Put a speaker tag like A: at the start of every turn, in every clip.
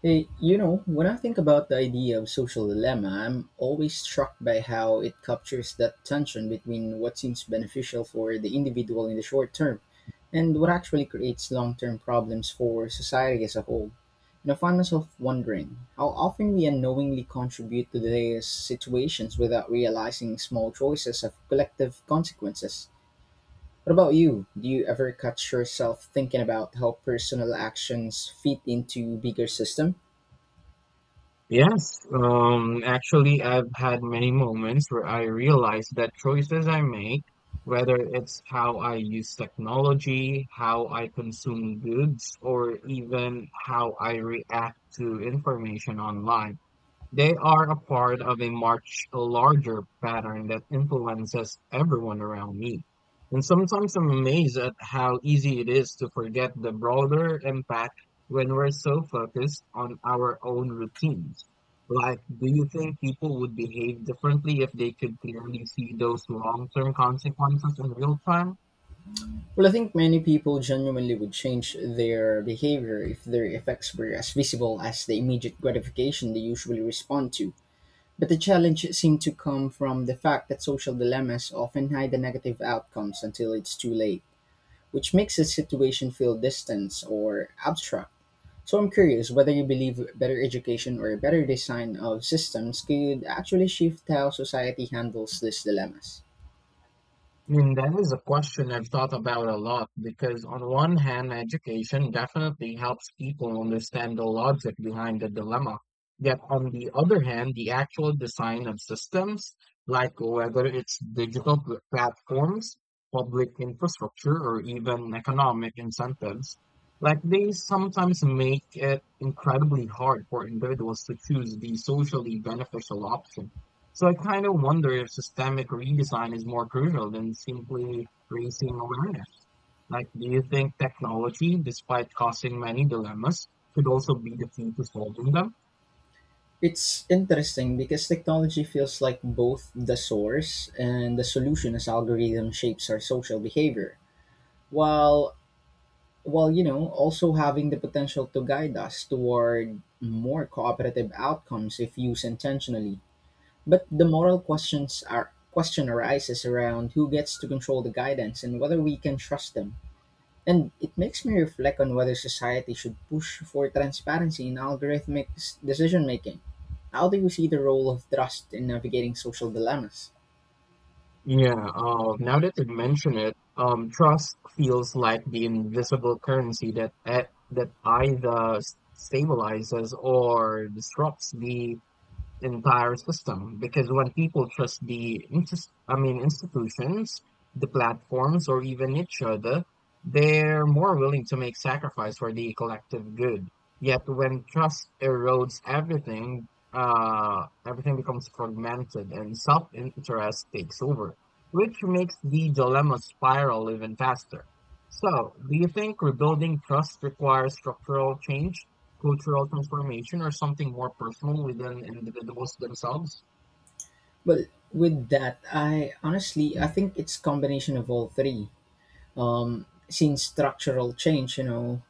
A: Hey, you know, when I think about the idea of social dilemma, I'm always struck by how it captures that tension between what seems beneficial for the individual in the short term and what actually creates long term problems for society as a whole. And I find myself wondering how often we unknowingly contribute to these situations without realizing small choices have collective consequences. What about you? Do you ever catch yourself thinking about how personal actions fit into bigger system?
B: Yes, actually, I've had many moments where I realized that choices I make, whether it's how I use technology, how I consume goods, or even how I react to information online, they are a part of a much larger pattern that influences everyone around me. And sometimes I'm amazed at how easy it is to forget the broader impact when we're so focused on our own routines. Like, do you think people would behave differently if they could clearly see those long-term consequences in real time?
A: Well, I think many people genuinely would change their behavior if their effects were as visible as the immediate gratification they usually respond to. But the challenge seemed to come from the fact that social dilemmas often hide the negative outcomes until it's too late, which makes the situation feel distant or abstract. So I'm curious whether you believe better education or a better design of systems could actually shift how society handles these dilemmas.
B: I mean, that is a question I've thought about a lot because, on one hand, education definitely helps people understand the logic behind the dilemma. Yet, on the other hand, the actual design of systems, like whether it's platforms, public infrastructure, or even economic incentives, like they sometimes make it incredibly hard for individuals to choose the socially beneficial option. So I kind of wonder if systemic redesign is more crucial than simply raising awareness. Like, do you think technology, despite causing many dilemmas, could also be the key to solving them?
A: It's interesting because technology feels like both the source and the solution as algorithm shapes our social behavior, while while you know also having the potential to guide us toward more cooperative outcomes if used intentionally. But the moral questions are question arises around who gets to control the guidance and whether we can trust them. And it makes me reflect on whether society should push for transparency in decision making. How do you see the role of trust in navigating social dilemmas?
B: Yeah, now that you mention it, trust feels like the invisible currency that that either stabilizes or disrupts the entire system because when people trust the I mean institutions, the platforms, or even each other, they're more willing to make sacrifice for the collective good. Yet when trust erodes everything, everything becomes fragmented and self-interest takes over, which makes the dilemma spiral even faster. So, do you think rebuilding trust requires structural change, cultural transformation, or something more personal within individuals themselves?
A: Well, with that, I honestly I think it's combination of all three. Since structural change, you know,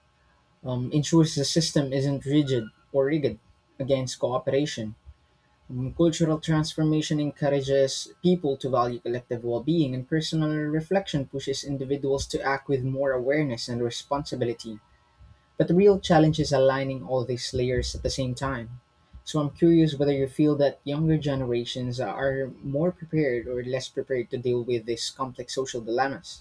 A: ensures the system isn't rigid against cooperation. Cultural transformation encourages people to value collective well being, and personal reflection pushes individuals to act with more awareness and responsibility. But the real challenge is aligning all these layers at the same time. So I'm curious whether you feel that younger generations are more prepared or less prepared to deal with these complex social dilemmas.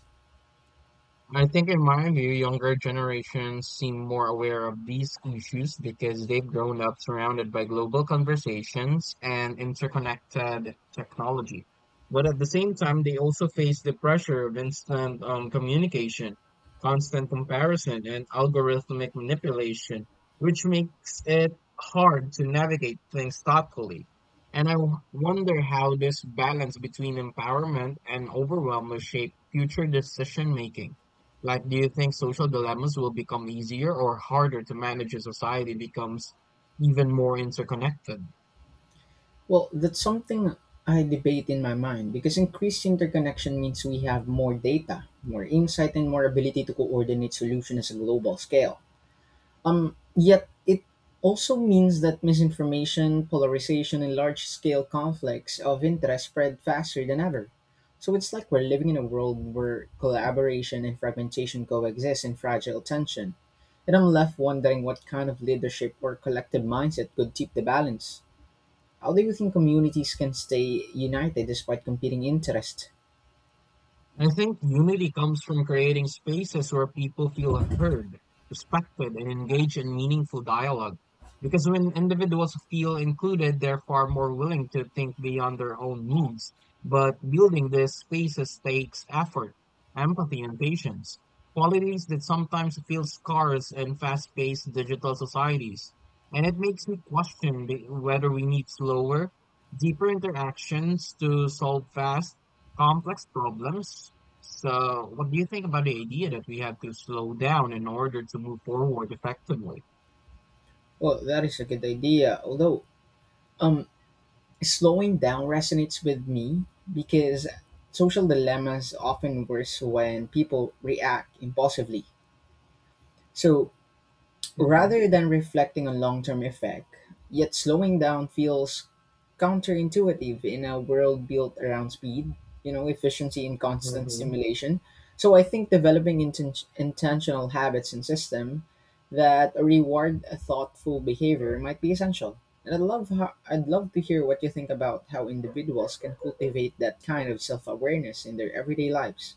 B: I think, in my view, younger generations seem more aware of these issues because they've grown up surrounded by global conversations and interconnected technology. But at the same time, they also face the pressure of instant communication, constant comparison, and algorithmic manipulation, which makes it hard to navigate things thoughtfully. And wonder how this balance between empowerment and overwhelm will shape future decision making. Like, do you think social dilemmas will become easier or harder to manage as society becomes even more interconnected?
A: Well, that's something I debate in my mind because increased interconnection means we have more data, more insight, and more ability to coordinate solutions at a global scale. Yet it also means that misinformation, polarization, and large scale conflicts of interest spread faster than ever. So it's like we're living in a world where collaboration and fragmentation coexist in fragile tension. And I'm left wondering what kind of leadership or collective mindset could keep the balance. How do you think communities can stay united despite competing interests?
B: I think unity comes from creating spaces where people feel heard, respected, and engage in meaningful dialogue. Because when individuals feel included, they're far more willing to think beyond their own needs. But building these spaces takes effort, empathy, and patience, qualities that sometimes feel scarce in fast paced digital societies. And it makes me question whether we need slower, deeper interactions to solve fast complex problems. So, what do you think about the idea that we have to slow down in order to move forward effectively?
A: Well, that is a good idea, although um, Slowing down resonates with me because social dilemmas often worse when people react impulsively. So rather than reflecting on long term effect. Yet slowing down feels counterintuitive in a world built around speed, you know, efficiency, and constant
B: Mm-hmm.
A: stimulation. So I think developing intentional habits and system that reward a thoughtful behavior might be essential. And I'd love to hear what you think about how individuals can cultivate that kind of self awareness in their everyday lives.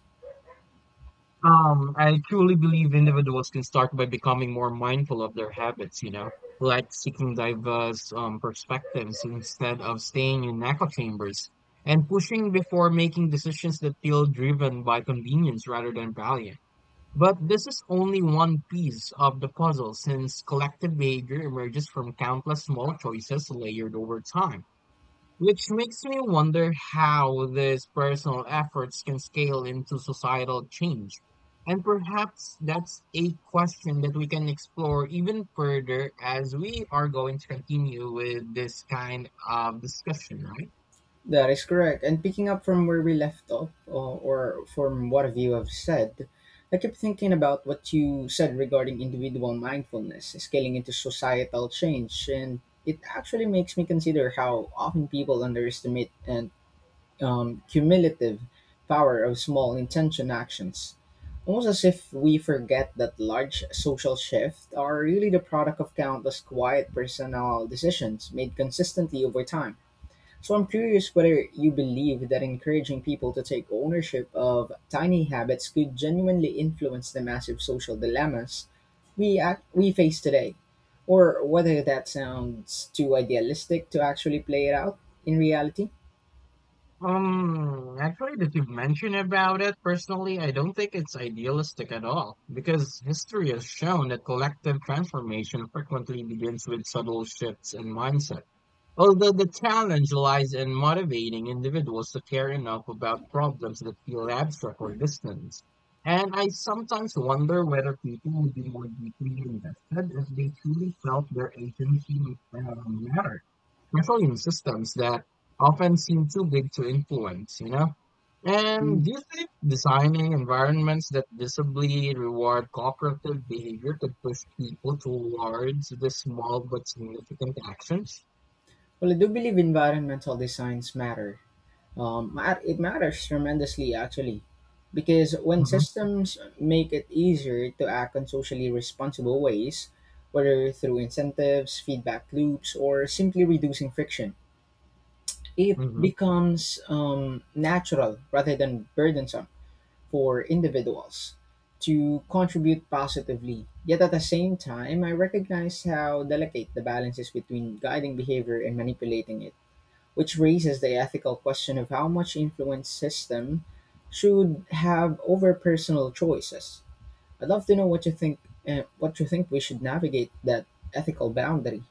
B: I truly believe individuals can start by becoming more mindful of their habits, you know, like seeking diverse perspectives instead of staying in echo chambers and pushing before making decisions that feel driven by convenience rather than value. But this is only one piece of the puzzle since collective behavior emerges from countless small choices layered over time, which makes me wonder how these personal efforts can scale into societal change. And perhaps that's a question that we can explore even further as we are going to continue with this kind of discussion, right?
A: That is correct. And picking up from where we left off, or from what you have said, I kept thinking about what you said regarding individual mindfulness scaling into societal change, and it actually makes me consider how often people underestimate and cumulative power of small intention actions. Almost as if we forget that large social shifts are really the product of countless quiet personal decisions made consistently over time. So I'm curious whether you believe that encouraging people to take ownership of tiny habits could genuinely influence the massive social dilemmas we face today, or whether that sounds too idealistic to actually play it out in reality.
B: Actually, that you've mentioned about it, personally, I don't think it's idealistic at all, because history has shown that collective transformation frequently begins with subtle shifts in mindset. Although the challenge lies in motivating individuals to care enough about problems that feel abstract or distant. And I sometimes wonder whether people would be more deeply invested if they truly felt their agency mattered controlling systems that often seem too big to influence, you know? And
A: Mm.
B: do you think designing environments that visibly reward cooperative behavior could push people towards the small but significant actions?
A: Well, I do believe environmental designs matter. It matters tremendously, actually, because when
B: Hmm.
A: systems make it easier to act in socially responsible ways, whether through incentives, feedback loops, or simply reducing friction, it
B: Hmm.
A: becomes natural rather than burdensome for individuals to contribute positively. Yet at the same time, I recognize how delicate the balance is between guiding behavior and manipulating it, which raises the ethical question of how much influence system should have over personal choices. I'd love to know what you think. What you think we should navigate that ethical boundary?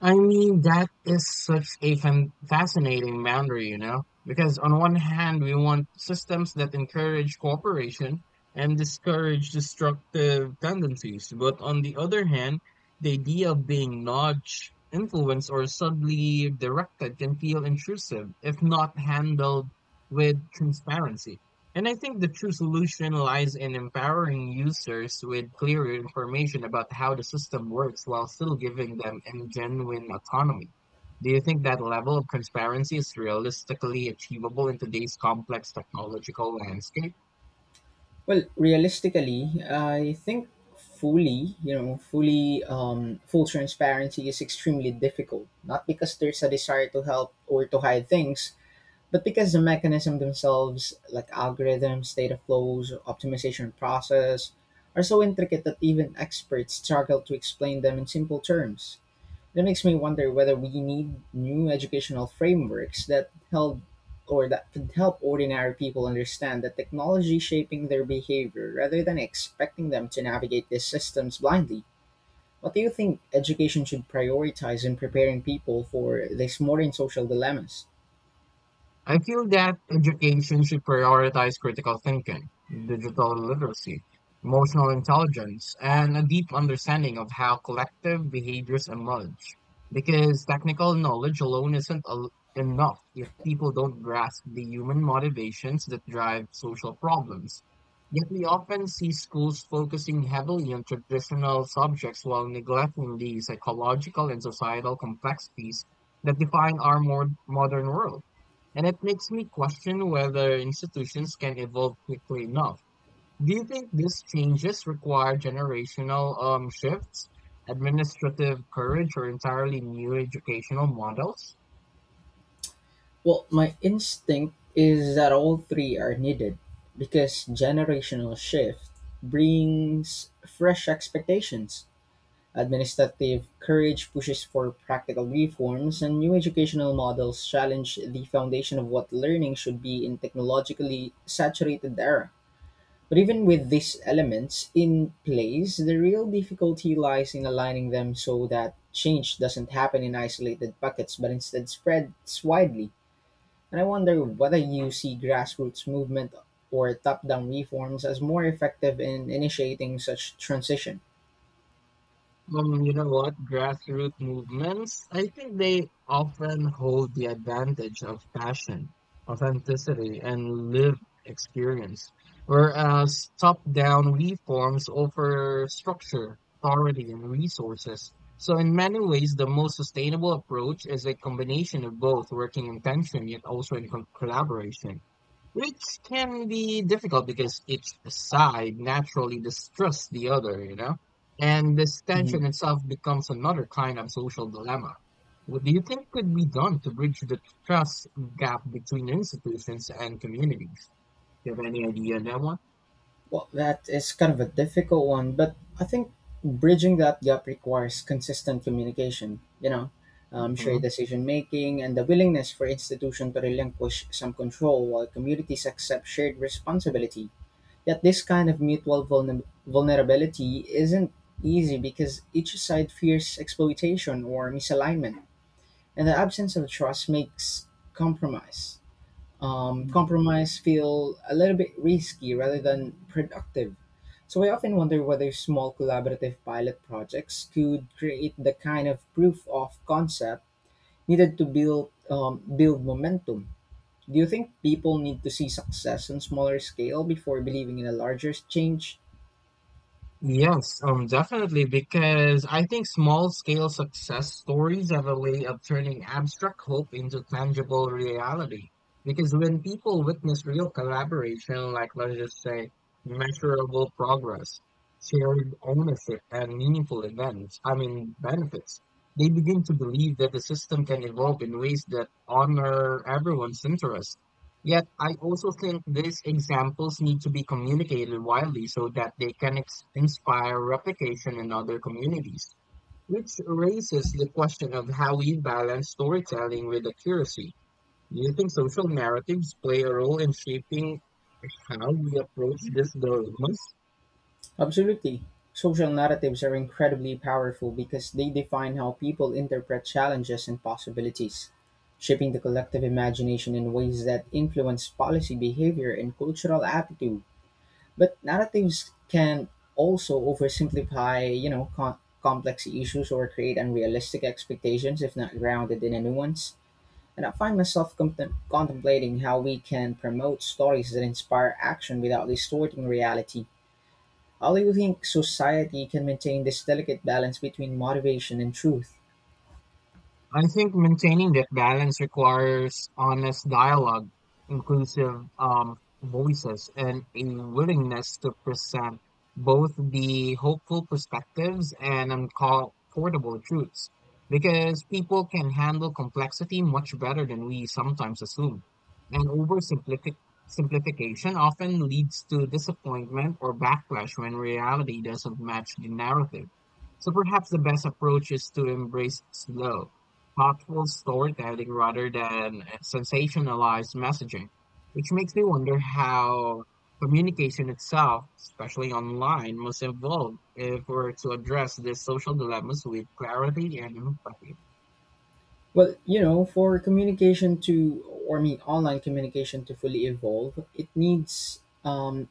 B: I mean, that is such a fan fascinating boundary, you know, because on one hand, we want systems that encourage cooperation and discourage destructive tendencies. But on the other hand, the idea of being nudged, influenced, or subtly directed can feel intrusive if not handled with transparency. And I think the true solution lies in empowering users with clearer information about how the system works while still giving them genuine autonomy. Do you think that level of transparency is realistically achievable in today's complex technological landscape?
A: Well, realistically, I think fully, you know, fully full transparency is extremely difficult. Not because there's a desire to help or to hide things, but because the mechanism themselves, like algorithms, data flows, optimization process, are so intricate that even experts struggle to explain them in simple terms. That makes me wonder whether we need new educational frameworks that help or that could help ordinary people understand that technology is shaping their behavior rather than expecting them to navigate these systems blindly. What do you think education should prioritize in preparing people for these modern social dilemmas?
B: I feel that education should prioritize critical thinking, digital literacy, emotional intelligence, and a deep understanding of how collective behaviors emerge. Because technical knowledge alone isn't enough if people don't grasp the human motivations that drive social problems. Yet we often see schools focusing heavily on traditional subjects while neglecting the psychological and societal complexities that define our more modern world. And it makes me question whether institutions can evolve quickly enough. Do you think these changes require generational shifts, administrative courage, or entirely new educational models?
A: Well, my instinct is that all three are needed because generational shift brings fresh expectations. Administrative courage pushes for practical reforms, and new educational models challenge the foundation of what learning should be in technologically saturated era. But even with these elements in place, the real difficulty lies in aligning them so that change doesn't happen in isolated pockets but instead spreads widely. And I wonder whether you see grassroots movement or top-down reforms as more effective in initiating such transition.
B: You know what? Grassroots movements, I think they often hold the advantage of passion, authenticity, and lived experience, whereas top-down reforms offer structure, authority, and resources. So in many ways, the most sustainable approach is a combination of both working in tension yet also in collaboration. Which can be difficult because each side naturally distrusts the other, you know? And this tension
A: Mhm.
B: itself becomes another kind of social dilemma. What do you think could be done to bridge the trust gap between institutions and communities? Do you have any idea on that one?
A: Well, that is kind of a difficult one, but I think bridging that gap requires consistent communication, you know, shared
B: Hmm.
A: decision making, and the willingness for institution to relinquish some control while communities accept shared responsibility. Yet, this kind of mutual vulnerability isn't easy because each side fears exploitation or misalignment. And the absence of trust makes compromise compromise feel a little bit risky rather than productive. So I often wonder whether small collaborative pilot projects could create the kind of proof of concept needed to build momentum. Do you think people need to see success on smaller scale before believing in a larger change?
B: Yes, definitely, because I think small scale success stories have a way of turning abstract hope into tangible reality. Because when people witness real collaboration, like let's just say measurable progress, shared ownership, and meaningful events, I mean, benefits, they begin to believe that the system can evolve in ways that honor everyone's interests. Yet, I also think these examples need to be communicated widely so that they can inspire replication in other communities, which raises the question of how we balance storytelling with accuracy. Do you think social narratives play a role in shaping how we approach these dilemmas?
A: Absolutely. Social narratives are incredibly powerful because they define how people interpret challenges and possibilities, shaping the collective imagination in ways that influence policy behavior and cultural attitude. But narratives can also oversimplify, you know, complex issues or create unrealistic expectations if not grounded in a nuance. And I find myself contemplating how we can promote stories that inspire action without distorting reality. How do you think society can maintain this delicate balance between motivation and truth?
B: I think maintaining that balance requires honest dialogue, inclusive voices, and a willingness to present both the hopeful perspectives and uncomfortable truths, because people can handle complexity much better than we sometimes assume. And oversimplific simplification often leads to disappointment or backlash when reality doesn't match the narrative. So perhaps the best approach is to embrace slow thoughtful storytelling rather than sensationalized messaging, which makes me wonder how communication itself, especially online, must evolve if we're to address these social dilemmas with clarity and empathy.
A: Well, you know, for communication to, or I mean, online communication to fully evolve, it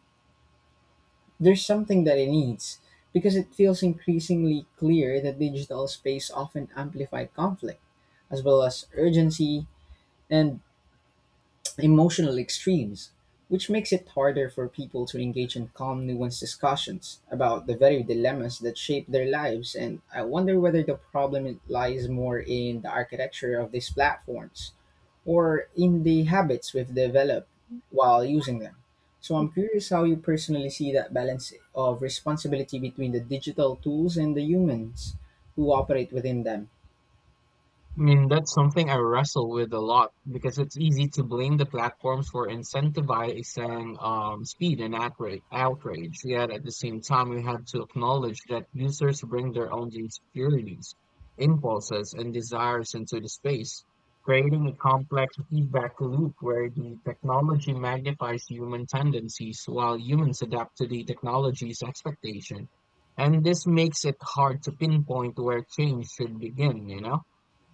A: there's something that it needs because it feels increasingly clear that digital space often amplified conflict as well as urgency and emotional extremes, which makes it harder for people to engage in calm, nuanced discussions about the very dilemmas that shape their lives. And I wonder whether the problem lies more in the architecture of these platforms or in the habits we've developed while using them. So I'm curious how you personally see that balance of responsibility between the digital tools and the humans who operate within them.
B: I mean, that's something I wrestle with a lot because it's easy to blame the platforms for incentivizing speed and outrage. Yet at the same time, we have to acknowledge that users bring their own insecurities, impulses, and desires into the space, creating a complex feedback loop where the technology magnifies human tendencies while humans adapt to the technology's expectation. And this makes it hard to pinpoint where change should begin, you know?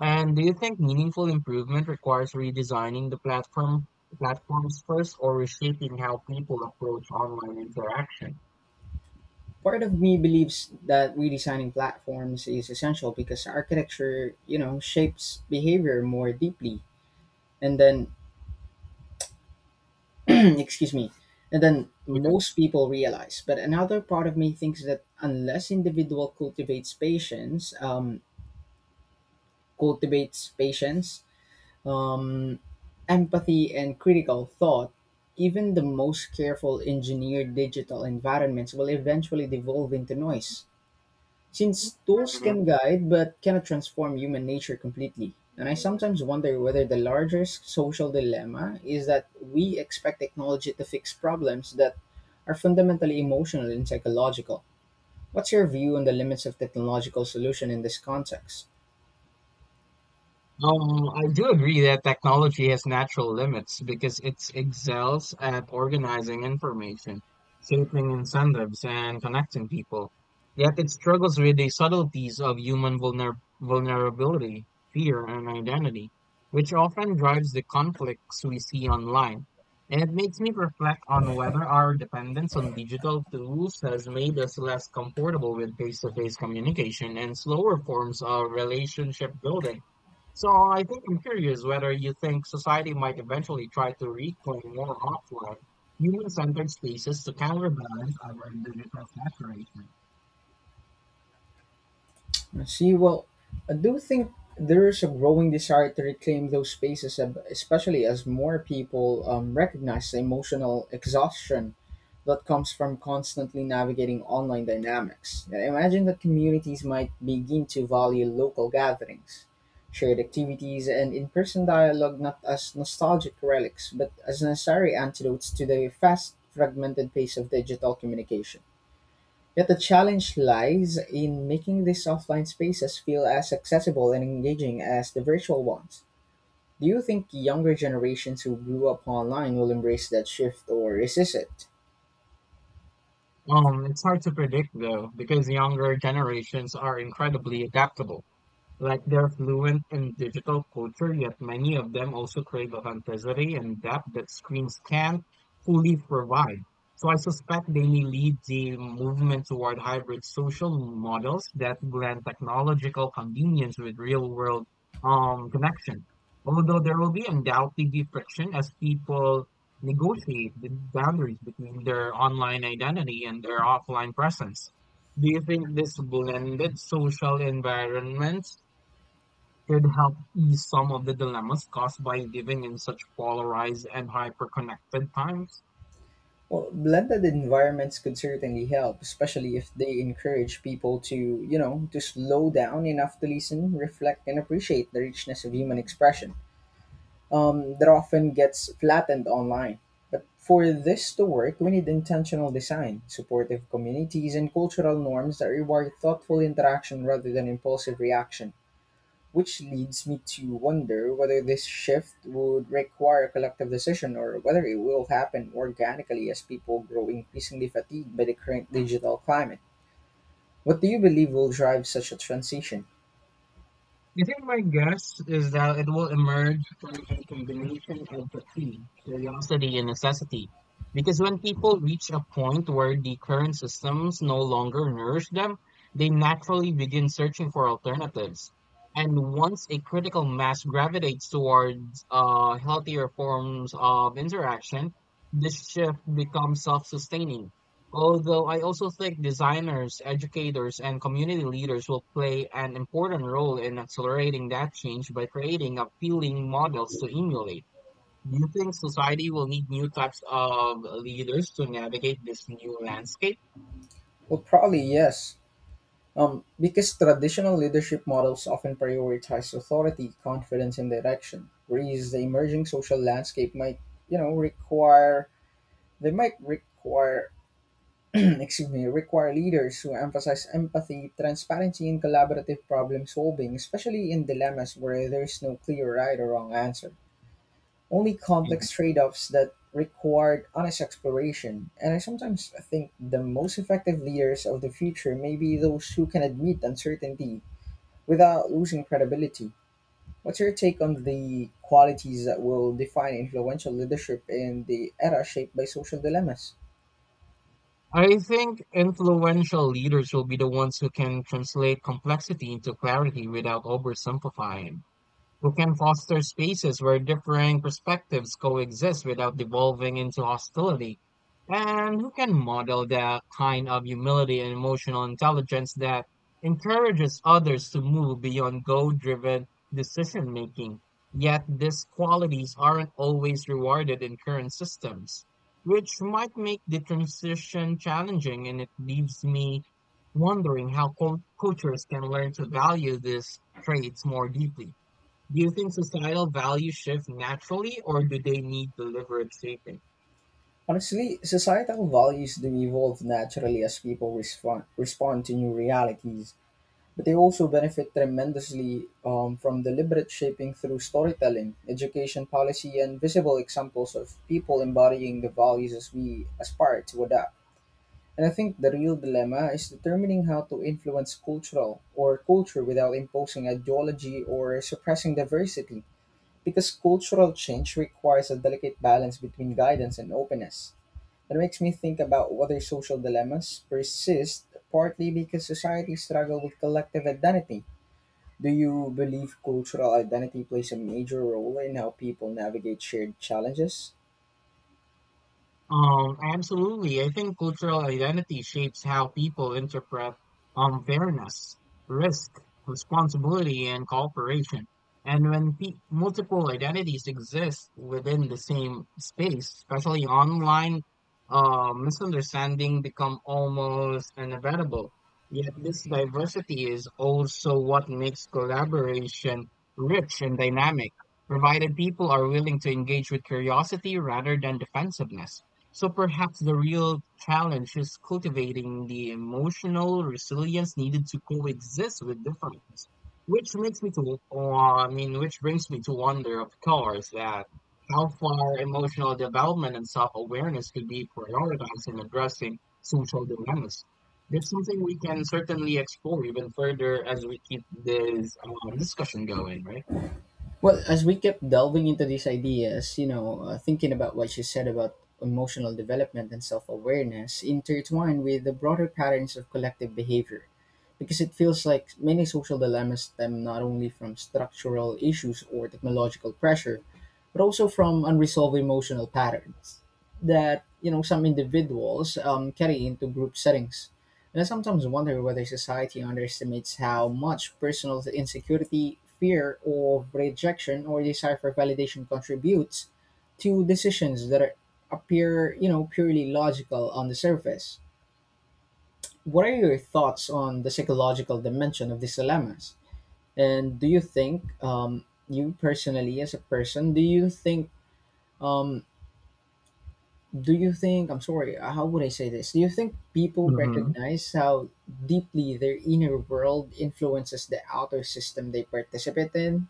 B: And do you think meaningful improvement requires redesigning the platform platforms first or reshaping how people approach online interaction?
A: Part of me believes that redesigning platforms is essential because architecture, you know, shapes behavior more deeply. And then, excuse me, and then
B: Okay.
A: most people realize. But another part of me thinks that unless individual cultivates patience, um, empathy, and critical thought, even the most careful engineered digital environments will eventually devolve into noise. Since tools can guide but cannot transform human nature completely, and I sometimes wonder whether the larger social dilemma is that we expect technology to fix problems that are fundamentally emotional and psychological. What's your view on the limits of technological solution in this context?
B: I do agree that technology has natural limits because it excels at organizing information, shaping incentives, and connecting people. Yet it struggles with the subtleties of human vulner vulnerability, fear, and identity, which often drives the conflicts we see online. And it makes me reflect on whether our dependence on digital tools has made us less comfortable with face-to-face communication and slower forms of relationship building. So I think I'm curious whether you think society might eventually try to reclaim more offline, human-centered spaces to counterbalance our digital saturation.
A: I see, well, I do think there is a growing desire to reclaim those spaces, especially as more people recognize the emotional exhaustion that comes from constantly navigating online dynamics. And I imagine that communities might begin to value local gatherings, shared activities, and in person dialogue not as nostalgic relics, but as necessary antidotes to the fast, fragmented pace of digital communication. Yet the challenge lies in making these offline spaces feel as accessible and engaging as the virtual ones. Do you think younger generations who grew up online will embrace that shift or resist it?
B: It's hard to predict though, because younger generations are incredibly adaptable. Like they're fluent in digital culture, yet many of them also crave authenticity and depth that screens can't fully provide. So I suspect they may lead the movement toward hybrid social models that blend technological convenience with real-world connection. Although there will be undoubtedly friction as people negotiate the boundaries between their online identity and their offline presence. Do you think this blended social environment could help ease some of the dilemmas caused by living in such polarized and hyper-connected times?
A: Well, blended environments could certainly help, especially if they encourage people to, to slow down enough to listen, reflect, and appreciate the richness of human expression. That often gets flattened online. But for this to work, we need intentional design, supportive communities, and cultural norms that reward thoughtful interaction rather than impulsive reaction, which leads me to wonder whether this shift would require a collective decision or whether it will happen organically as people grow increasingly fatigued by the current digital climate. What do you believe will drive such a transition?
B: I think my guess is that it will emerge from a combination of fatigue, curiosity, and necessity. Because when people reach a point where the current systems no longer nourish them, they naturally begin searching for alternatives. And once a critical mass gravitates towards healthier forms of interaction, this shift becomes self sustaining. Although I also think designers, educators, and community leaders will play an important role in accelerating that change by creating appealing models to emulate. Do you think society will need new types of leaders to navigate this new landscape?
A: Well, probably yes. Because traditional leadership models often prioritize authority, confidence, and direction, whereas the emerging social landscape might, require they might require excuse me, require leaders who emphasize empathy, transparency, and collaborative problem solving, especially in dilemmas where there is no clear right or wrong answer. Only
B: Mhm.
A: complex trade offs that required honest exploration. And I sometimes think the most effective leaders of the future may be those who can admit uncertainty without losing credibility. What's your take on the qualities that will define influential leadership in the era shaped by social dilemmas?
B: I think influential leaders will be the ones who can translate complexity into clarity without oversimplifying, who can foster spaces where differing perspectives coexist without devolving into hostility, and who can model the kind of humility and emotional intelligence that encourages others to move beyond goal driven decision making. Yet these qualities aren't always rewarded in current systems, which might make the transition challenging, and it leaves me wondering how cultures can learn to value these traits more deeply. Do you think societal values shift naturally, or do they need deliberate shaping?
A: Honestly, societal values do evolve naturally as people respond to new realities, but they also benefit tremendously from deliberate shaping through storytelling, education policy, and visible examples of people embodying the values as we aspire to adopt. And I think the real dilemma is determining how to influence cultural or culture without imposing ideology or suppressing diversity, because cultural change requires a delicate balance between guidance and openness. It makes me think about whether social dilemmas persist partly because societies struggle with collective identity. Do you believe cultural identity plays a major role in how people navigate shared challenges?
B: Absolutely. I think cultural identity shapes how people interpret fairness, risk, responsibility, and cooperation. And when multiple identities exist within the same space, especially online, misunderstanding become almost inevitable. Yet this diversity is also what makes collaboration rich and dynamic, provided people are willing to engage with curiosity rather than defensiveness. So perhaps the real challenge is cultivating the emotional resilience needed to coexist with difference. Which makes me to, or, I mean, which brings me to wonder, of course, that how far emotional development and self-awareness could be prioritized in addressing social dilemmas. That's something we can certainly explore even further as we keep this discussion going, right?
A: Well, as we kept delving into these ideas, thinking about what you said about emotional development and self awareness intertwined with the broader patterns of collective behavior. Because it feels like many social dilemmas stem not only from structural issues or technological pressure, but also from unresolved emotional patterns that some individuals carry into group settings. And I sometimes wonder whether society underestimates how much personal insecurity, fear of rejection, or desire for validation contributes to decisions that are, appear purely logical on the surface. What are your thoughts on the psychological dimension of these dilemmas? And do you think you personally, as a person, do you think um, I'm sorry, how would I say this? Do you think people
B: Mhm.
A: recognize how deeply their inner world influences the outer system they participate in?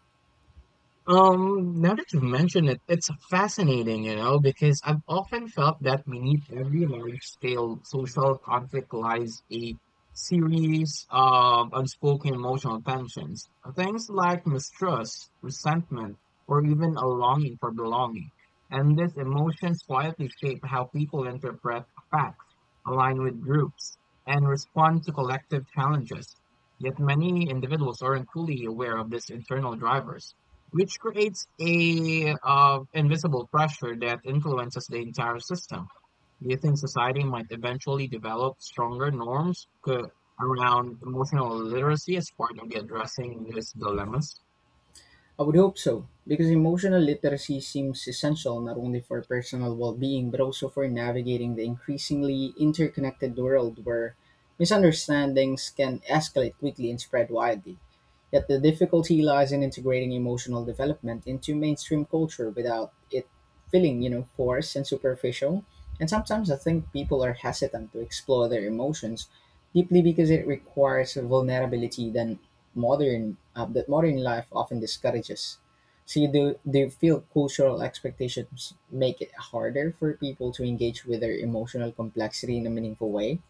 B: Now that you mention it, it's fascinating, you know, because I've often felt that beneath every large-scale social conflict lies a series of unspoken emotional tensions. Things like mistrust, resentment, or even a longing for belonging. And these emotions quietly shape how people interpret facts, align with groups, and respond to collective challenges. Yet many individuals aren't fully aware of these internal drivers, which creates a invisible pressure that influences the entire system. Do you think society might eventually develop stronger norms around emotional literacy as part of the addressing these dilemmas?
A: I would hope so, because emotional literacy seems essential not only for personal well being, but also for navigating the increasingly interconnected world where misunderstandings can escalate quickly and spread widely. Yet the difficulty lies in integrating emotional development into mainstream culture without it feeling, forced and superficial. And sometimes I think people are hesitant to explore their emotions deeply because it requires vulnerability than modern life often discourages. See, do they feel cultural expectations make it harder for people to engage with their emotional complexity in a meaningful way?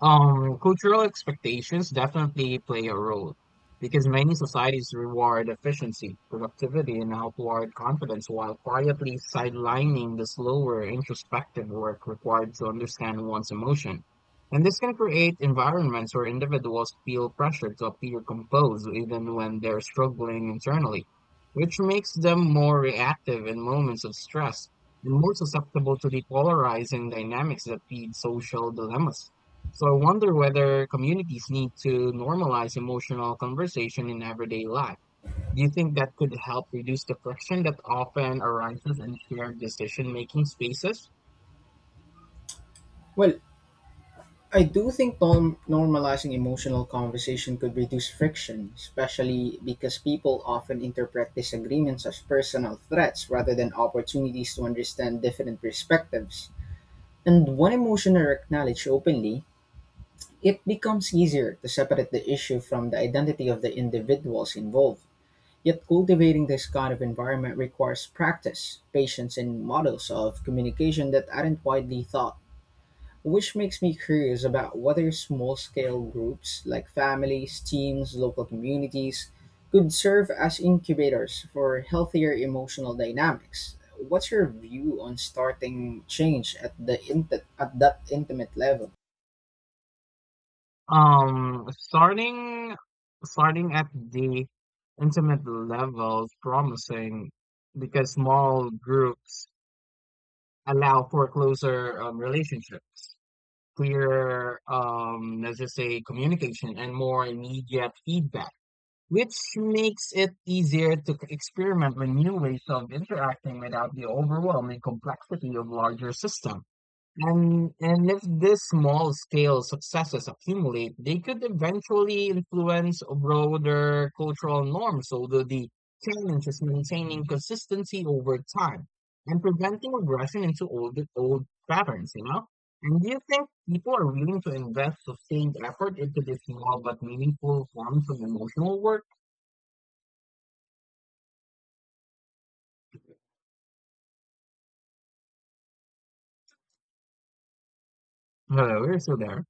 B: Cultural expectations definitely play a role because many societies reward efficiency, productivity, and outward confidence while quietly sidelining the slower introspective work required to understand one's emotion. And this can create environments where individuals feel pressured to appear composed even when they're struggling internally, which makes them more reactive in moments of stress and more susceptible to the polarizing dynamics that feed social dilemmas. So I wonder whether communities need to normalize emotional conversation in everyday life. Do you think that could help reduce the friction that often arises in shared decision-making spaces?
A: Well, I do think normalizing emotional conversation could reduce friction, especially because people often interpret disagreements as personal threats rather than opportunities to understand different perspectives. And when emotions are acknowledged openly, it becomes easier to separate the issue from the identity of the individuals involved. Yet cultivating this kind of environment requires practice, patience, and models of communication that aren't widely thought. Which makes me curious about whether small scale groups like families, teams, local communities could serve as incubators for healthier emotional dynamics. What's your view on starting change at at that intimate level?
B: Um, starting starting at the intimate level is promising because small groups allow for closer relationships, clearer, let's just say, communication and more immediate feedback, which makes it easier to experiment with new ways of interacting without the overwhelming complexity of larger systems. And if these small scale successes accumulate, they could eventually influence broader cultural norms, although the challenge is maintaining consistency over time and preventing regression into old patterns, you know? And do you think people are willing to invest sustained effort into these small but meaningful forms of emotional work? Hello, you're still there?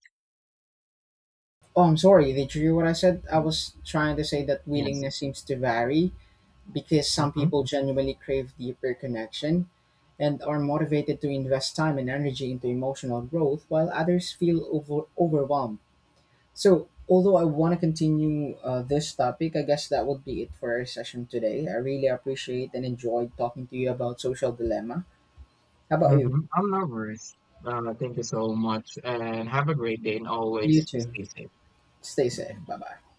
A: Oh, I'm sorry. Did you hear what I said? I
B: Mm,
A: was trying to say that
B: yes.
A: willingness seems to vary because some
B: Mm-hmm.
A: people genuinely crave deeper connection and are motivated to invest time and energy into emotional growth, while others feel overwhelmed. So, although I want to continue this topic, I guess that would be it for our session today. I really appreciate and enjoyed talking to you about social dilemma. How about you?
B: Mm-hmm. I'm not worried. Thank you so much and have a great day and always
A: You too.
B: stay safe.
A: Stay safe.
B: Mm-hmm.
A: Bye bye.